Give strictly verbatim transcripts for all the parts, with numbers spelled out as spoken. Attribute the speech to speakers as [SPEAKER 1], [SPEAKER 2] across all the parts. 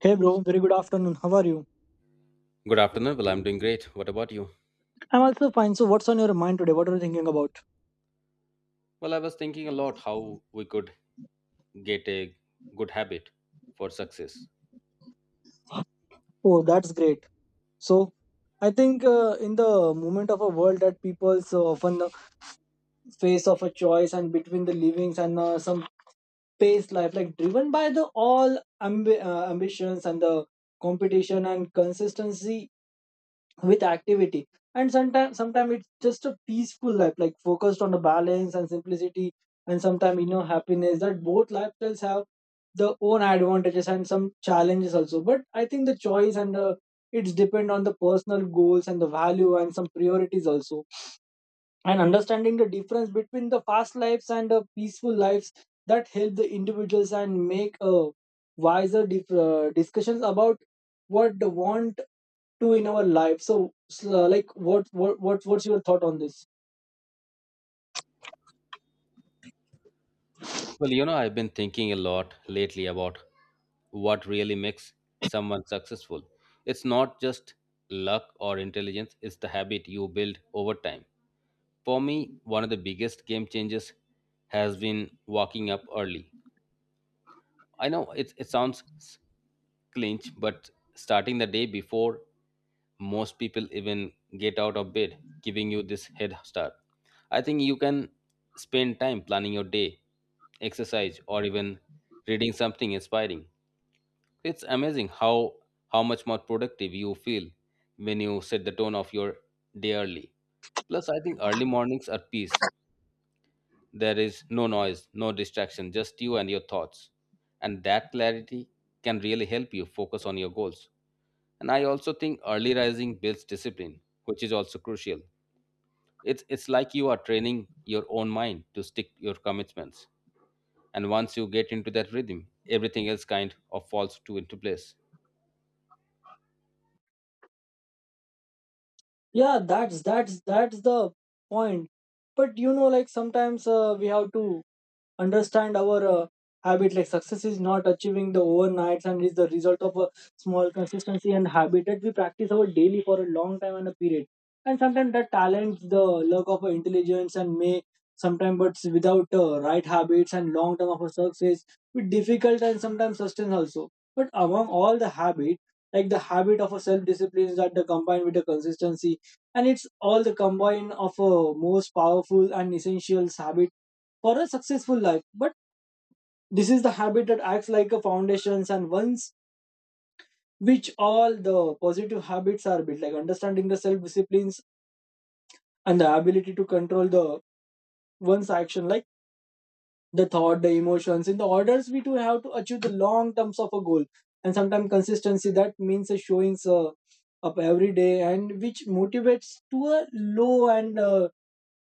[SPEAKER 1] Hey bro, very good afternoon. How are you?
[SPEAKER 2] Good afternoon. Well, I'm doing great. What about you?
[SPEAKER 1] I'm also fine. So, what's on your mind today? What are you thinking about?
[SPEAKER 2] Well, I was thinking a lot how we could get a good habit for success.
[SPEAKER 1] Oh, that's great. So, I think uh, in the moment of a world that people so often uh, face of a choice and between the livings and uh, some pace life, like driven by the all ambi- uh, ambitions and the competition and consistency with activity and sometimes sometimes it's just a peaceful life like focused on the balance and simplicity and sometimes you know happiness that both lifestyles have their own advantages and some challenges also, but I think the choice and the it's depend on the personal goals and the value and some priorities also, and understanding the difference between the fast lives and the peaceful lives that help the individuals and make a wiser dif- uh, discussions about what they want to in our life. So s- uh, like what, what what what's your thought on this?
[SPEAKER 2] Well, you know, I've been thinking a lot lately about what really makes someone successful. It's not just luck or intelligence, it's the habit you build over time. For me, one of the biggest game changes has been waking up early. I know it, it sounds s- clinch, but starting the day before most people even get out of bed, giving you this head start. I think you can spend time planning your day, exercise, or even reading something inspiring. It's amazing how how much more productive you feel when you set the tone of your day early. Plus, I think early mornings are peace. There is no noise, no distraction, just you and your thoughts. And that clarity can really help you focus on your goals. And I also think early rising builds discipline, which is also crucial. It's it's like you are training your own mind to stick your commitments. And once you get into that rhythm, everything else kind of falls to into place.
[SPEAKER 1] Yeah, that's that's that's the point. But you know like sometimes uh, we have to understand our uh, habit. Like success is not achieving the overnights and is the result of a small consistency and habit that we practice our daily for a long time and a period. And sometimes the talent, the luck of our intelligence, and may sometimes, but without uh, right habits and long term of a success with difficult and sometimes sustain also. But among all the habit, like the habit of a self discipline that the combined with the consistency and it's all the combine of a most powerful and essential habit for a successful life. But this is the habit that acts like a foundations and once which all the positive habits are built, like understanding the self disciplines and the ability to control the one's action, like the thought, the emotions. In the orders, we do have to achieve the long terms of a goal, and sometimes consistency that means a showings uh, up every day, and which motivates to a low and uh,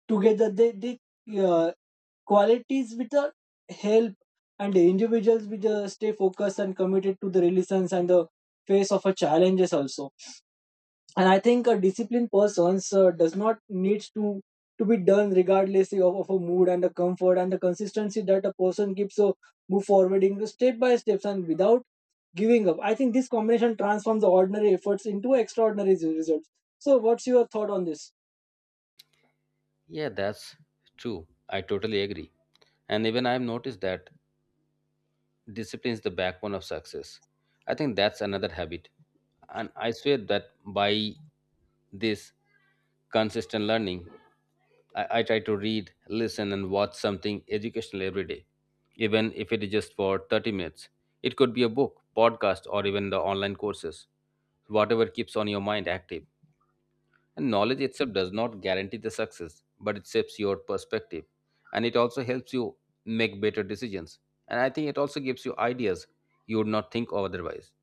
[SPEAKER 1] together they they uh, qualities which are help and the individuals which uh, stay focused and committed to the relations and the face of a challenges also. And I think a disciplined person uh, does not needs to to be done regardless of, of a mood and the comfort and the consistency that a person keeps, so move forward into step by steps and without giving up. I think this combination transforms the ordinary efforts into extraordinary results. So what's your thought on this?
[SPEAKER 2] Yeah, that's true. I totally agree. And even I've noticed that discipline is the backbone of success. I think that's another habit. And I swear that by this consistent learning, I, I try to read, listen, and watch something educational every day, even if it is just for thirty minutes. It could be a book, podcast, or even the online courses. Whatever keeps on your mind active. And knowledge itself does not guarantee the success, but it shapes your perspective. And it also helps you make better decisions. And I think it also gives you ideas you would not think of otherwise.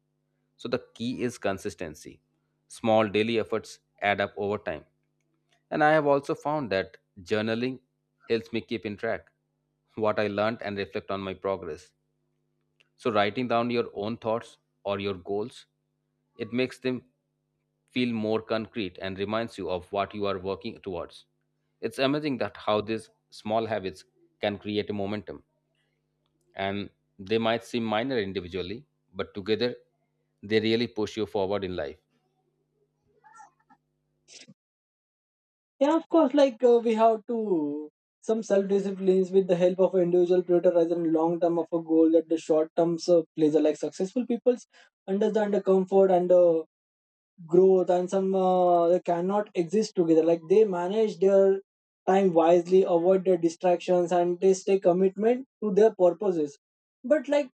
[SPEAKER 2] So the key is consistency. Small daily efforts add up over time. And I have also found that journaling helps me keep in track what I learned and reflect on my progress. So writing down your own thoughts or your goals, it makes them feel more concrete and reminds you of what you are working towards. It's amazing that how these small habits can create a momentum, and they might seem minor individually, but together they really push you forward in life.
[SPEAKER 1] Yeah, of course, like uh, we have to some self disciplines with the help of individual prioritize and long term of a goal that the short term uh, pleasure, like successful people's understand the comfort and the growth and some uh, they cannot exist together, like they manage their time wisely, avoid their distractions and they stay commitment to their purposes. But like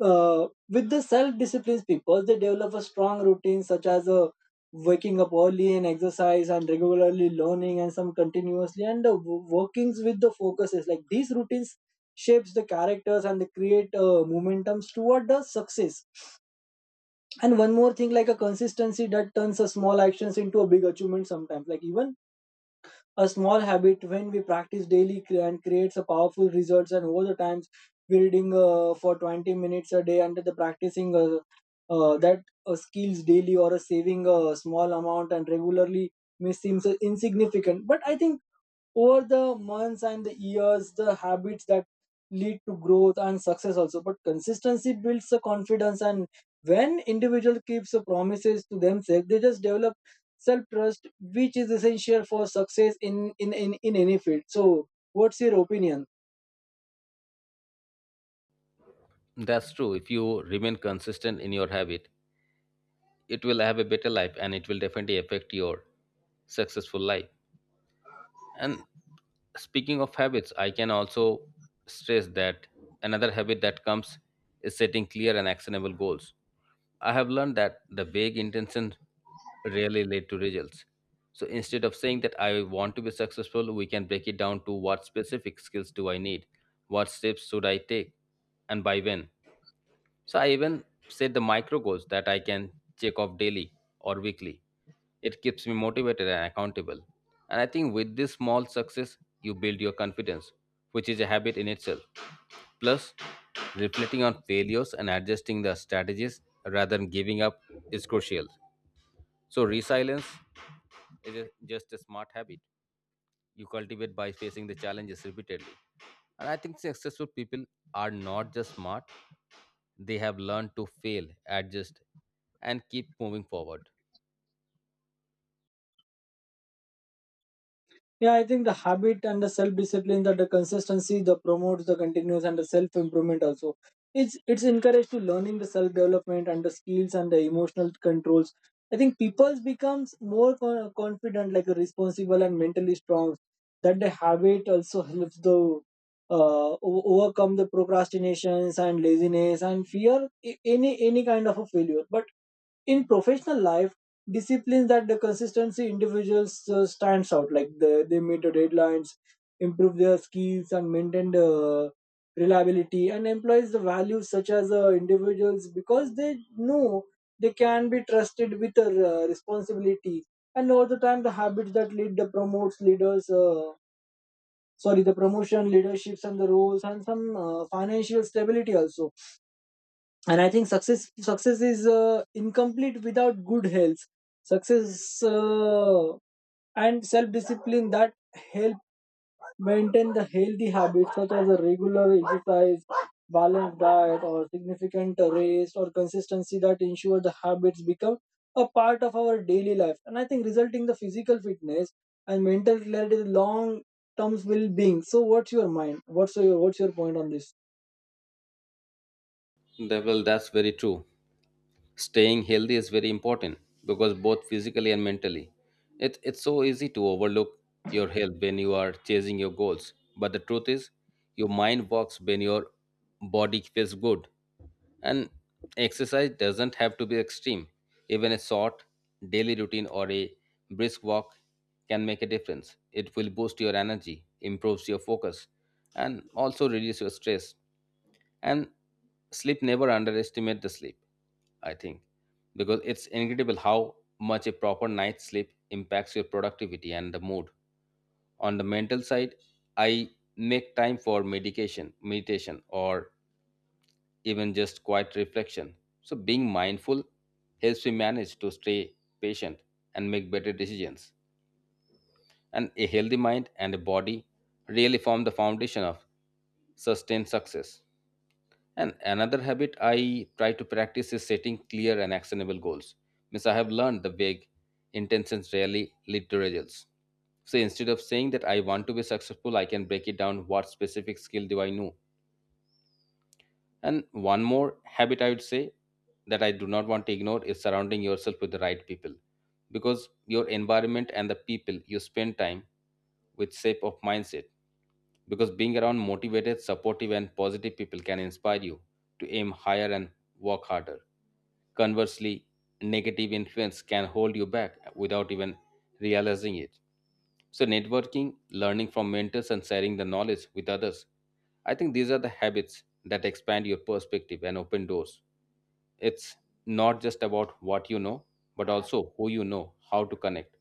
[SPEAKER 1] uh, with the self-disciplined people, they develop a strong routine such as uh, waking up early and exercise and regularly learning and some continuously and the w- workings with the focuses. Like these routines shapes the characters and they create uh, momentums toward the success. And one more thing, like a consistency that turns a small actions into a big achievement sometimes. Like even a small habit when we practice daily cre- and creates a powerful results. And over the times, we reading uh, for twenty minutes a day under the practicing uh, uh, that uh, skills daily or a saving a small amount and regularly may seems uh, insignificant. But I think over the months and the years the habits that lead to growth and success also, but consistency builds the confidence, and when individual keeps the promises to themselves they just develop self trust which is essential for success in in in, in any field. So what's your opinion?
[SPEAKER 2] That's true. If you remain consistent in your habit, it will have a better life and it will definitely affect your successful life. And speaking of habits, I can also stress that another habit that comes is setting clear and actionable goals. I have learned that the vague intentions rarely lead to results. So instead of saying that I want to be successful, we can break it down to what specific skills do I need, what steps should I take, and by when. So I even set the micro goals that I can check off daily or weekly. It keeps me motivated and accountable. And I think with this small success, you build your confidence, which is a habit in itself. Plus, reflecting on failures and adjusting the strategies rather than giving up is crucial. So, resilience is a- just a smart habit you cultivate by facing the challenges repeatedly. And I think successful people are not just smart, they have learned to fail, adjust, and keep moving forward.
[SPEAKER 1] Yeah, I think the habit and the self discipline, that the consistency, the promotes the continuous and the self improvement also. It's it's encouraged to learning the self development and the skills and the emotional controls. I think people becomes more con- confident, like a responsible and mentally strong. That the habit also helps the uh, o- overcome the procrastinations and laziness and fear a- any any kind of a failure. But in professional life disciplines that the consistency individuals uh, stands out like the, they meet the deadlines, improve their skills and maintain the reliability and employs the values such as uh, individuals because they know they can be trusted with the uh, responsibility, and over the time the habits that lead the promotes leaders uh, sorry, the promotion leaderships and the roles and some uh, financial stability also. And I think success success is uh, incomplete without good health, success uh, and self discipline that help maintain the healthy habits such as a regular exercise, balanced diet, or significant rest, or consistency that ensure the habits become a part of our daily life. And I think resulting the physical fitness and mental clarity long terms well being. So what's your mind, what's your what's your point on this?
[SPEAKER 2] That- Well, that's very true. Staying healthy is very important because both physically and mentally it, it's so easy to overlook your health when you are chasing your goals, but the truth is your mind works when your body feels good. And exercise doesn't have to be extreme. Even a short daily routine or a brisk walk can make a difference. It will boost your energy, improves your focus, and also reduce your stress. And sleep, never underestimate the sleep, I think, because it's incredible how much a proper night's sleep impacts your productivity and the mood. On the mental side, I make time for medication, meditation, or even just quiet reflection. So being mindful helps me manage to stay patient and make better decisions. And a healthy mind and a body really form the foundation of sustained success. And another habit I try to practice is setting clear and actionable goals. Means I have learned the vague intentions rarely lead to results. So instead of saying that I want to be successful, I can break it down what specific skill do I know. And one more habit I would say that I do not want to ignore is surrounding yourself with the right people, because your environment and the people you spend time with shape of mindset. Because being around motivated, supportive and positive people can inspire you to aim higher and work harder. Conversely, negative influence can hold you back without even realizing it. So, networking, learning from mentors, and sharing the knowledge with others. I think these are the habits that expand your perspective and open doors. It's not just about what you know, but also who you know, how to connect.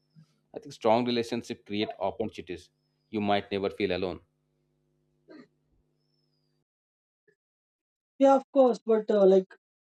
[SPEAKER 2] I think strong relationships create opportunities. You might never feel alone.
[SPEAKER 1] Yeah, of course, but uh, like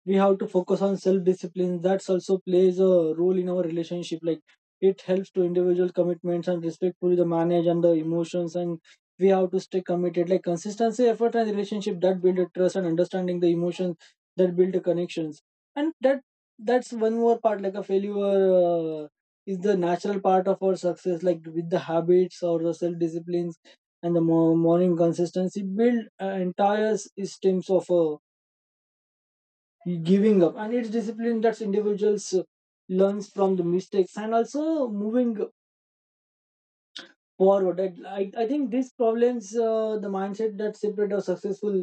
[SPEAKER 1] we have to focus on self discipline. That's also plays a role in our relationship. Like it helps to individual commitments and respectfully the manage and the emotions, and we have to stay committed. Like consistency, effort, and relationship that build a trust and understanding the emotions that build the connections, and that that's one more part. Like a failure uh, is the natural part of our success. Like with the habits or the self disciplines and the mo- morning consistency build uh, entire systems of a giving up, and it's discipline that individuals uh, learns from the mistakes and also moving forward. I, I I think these problems uh, the mindset that separate our successful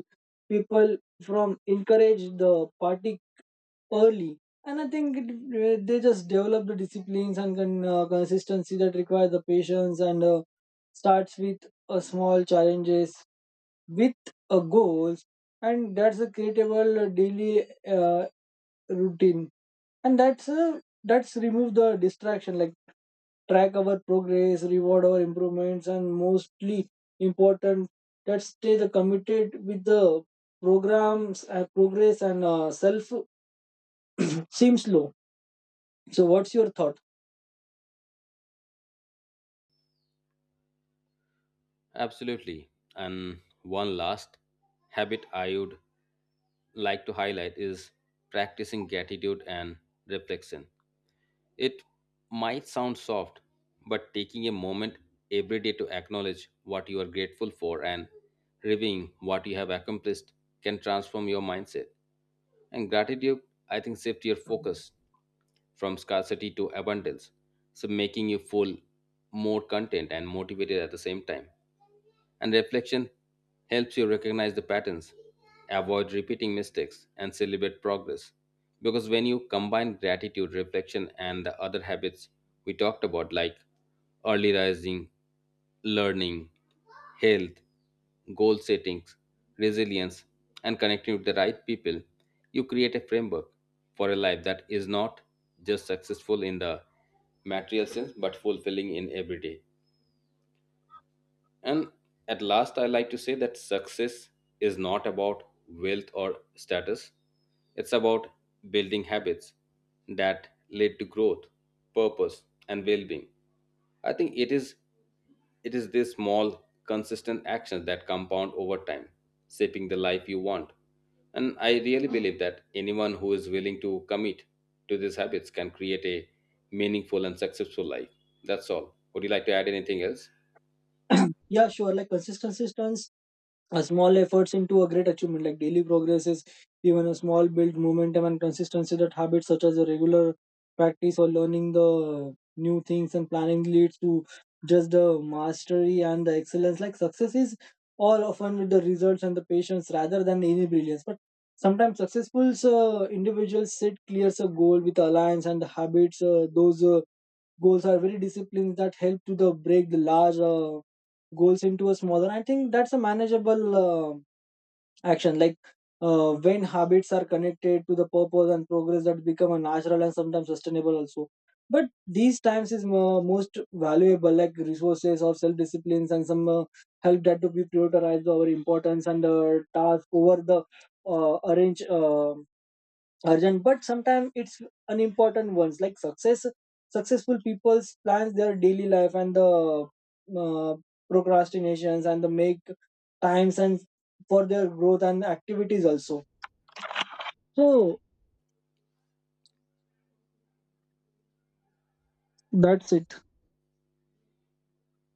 [SPEAKER 1] people from encourage the party early. And I think it, uh, they just develop the disciplines and con, uh, consistency that require the patience and uh, starts with a small challenges with a goals, and that's a creatable daily uh, routine, and that's uh, that's remove the distraction, like track our progress, reward our improvements, and mostly important that stay the committed with the programs uh, progress and uh, self seems low. So what's your thought?
[SPEAKER 2] Absolutely. And one last habit I would like to highlight is practicing gratitude and reflection. It might sound soft, but taking a moment every day to acknowledge what you are grateful for and reviewing what you have accomplished can transform your mindset. And gratitude, I think, shift your focus from scarcity to abundance, so making you full, more content and motivated at the same time. And reflection helps you recognize the patterns, avoid repeating mistakes, and celebrate progress. Because when you combine gratitude, reflection, and the other habits we talked about, like early rising, learning, health, goal settings, resilience, and connecting with the right people, you create a framework for a life that is not just successful in the material sense but fulfilling in every day. And at last, I like to say that success is not about wealth or status, it's about building habits that lead to growth, purpose, and well being. I think it is it is these small, consistent actions that compound over time, shaping the life you want. And I really believe that anyone who is willing to commit to these habits can create a meaningful and successful life. That's all. Would you like to add anything else?
[SPEAKER 1] Yeah, sure, like consistency, a small efforts into a great achievement, like daily progress, is even a small build momentum and consistency that habits such as a regular practice or learning the new things and planning leads to just the mastery and the excellence. Like success is all often with the results and the patience rather than any brilliance. But sometimes successful uh, individuals set clears a goal with alliance and the habits. Uh, those uh, goals are very disciplines that help to the break the large uh, goals into a smaller. I think that's a manageable uh, action, like uh, when habits are connected to the purpose and progress that become a natural and sometimes sustainable also, but these times is mo- most valuable, like resources or self disciplines and some uh, help that to be prioritized our importance and uh, task over the uh, arrange uh, urgent but sometimes it's unimportant ones. Like success successful people's plans their daily life and the uh, procrastinations and the make times and for their growth and activities also. So that's it.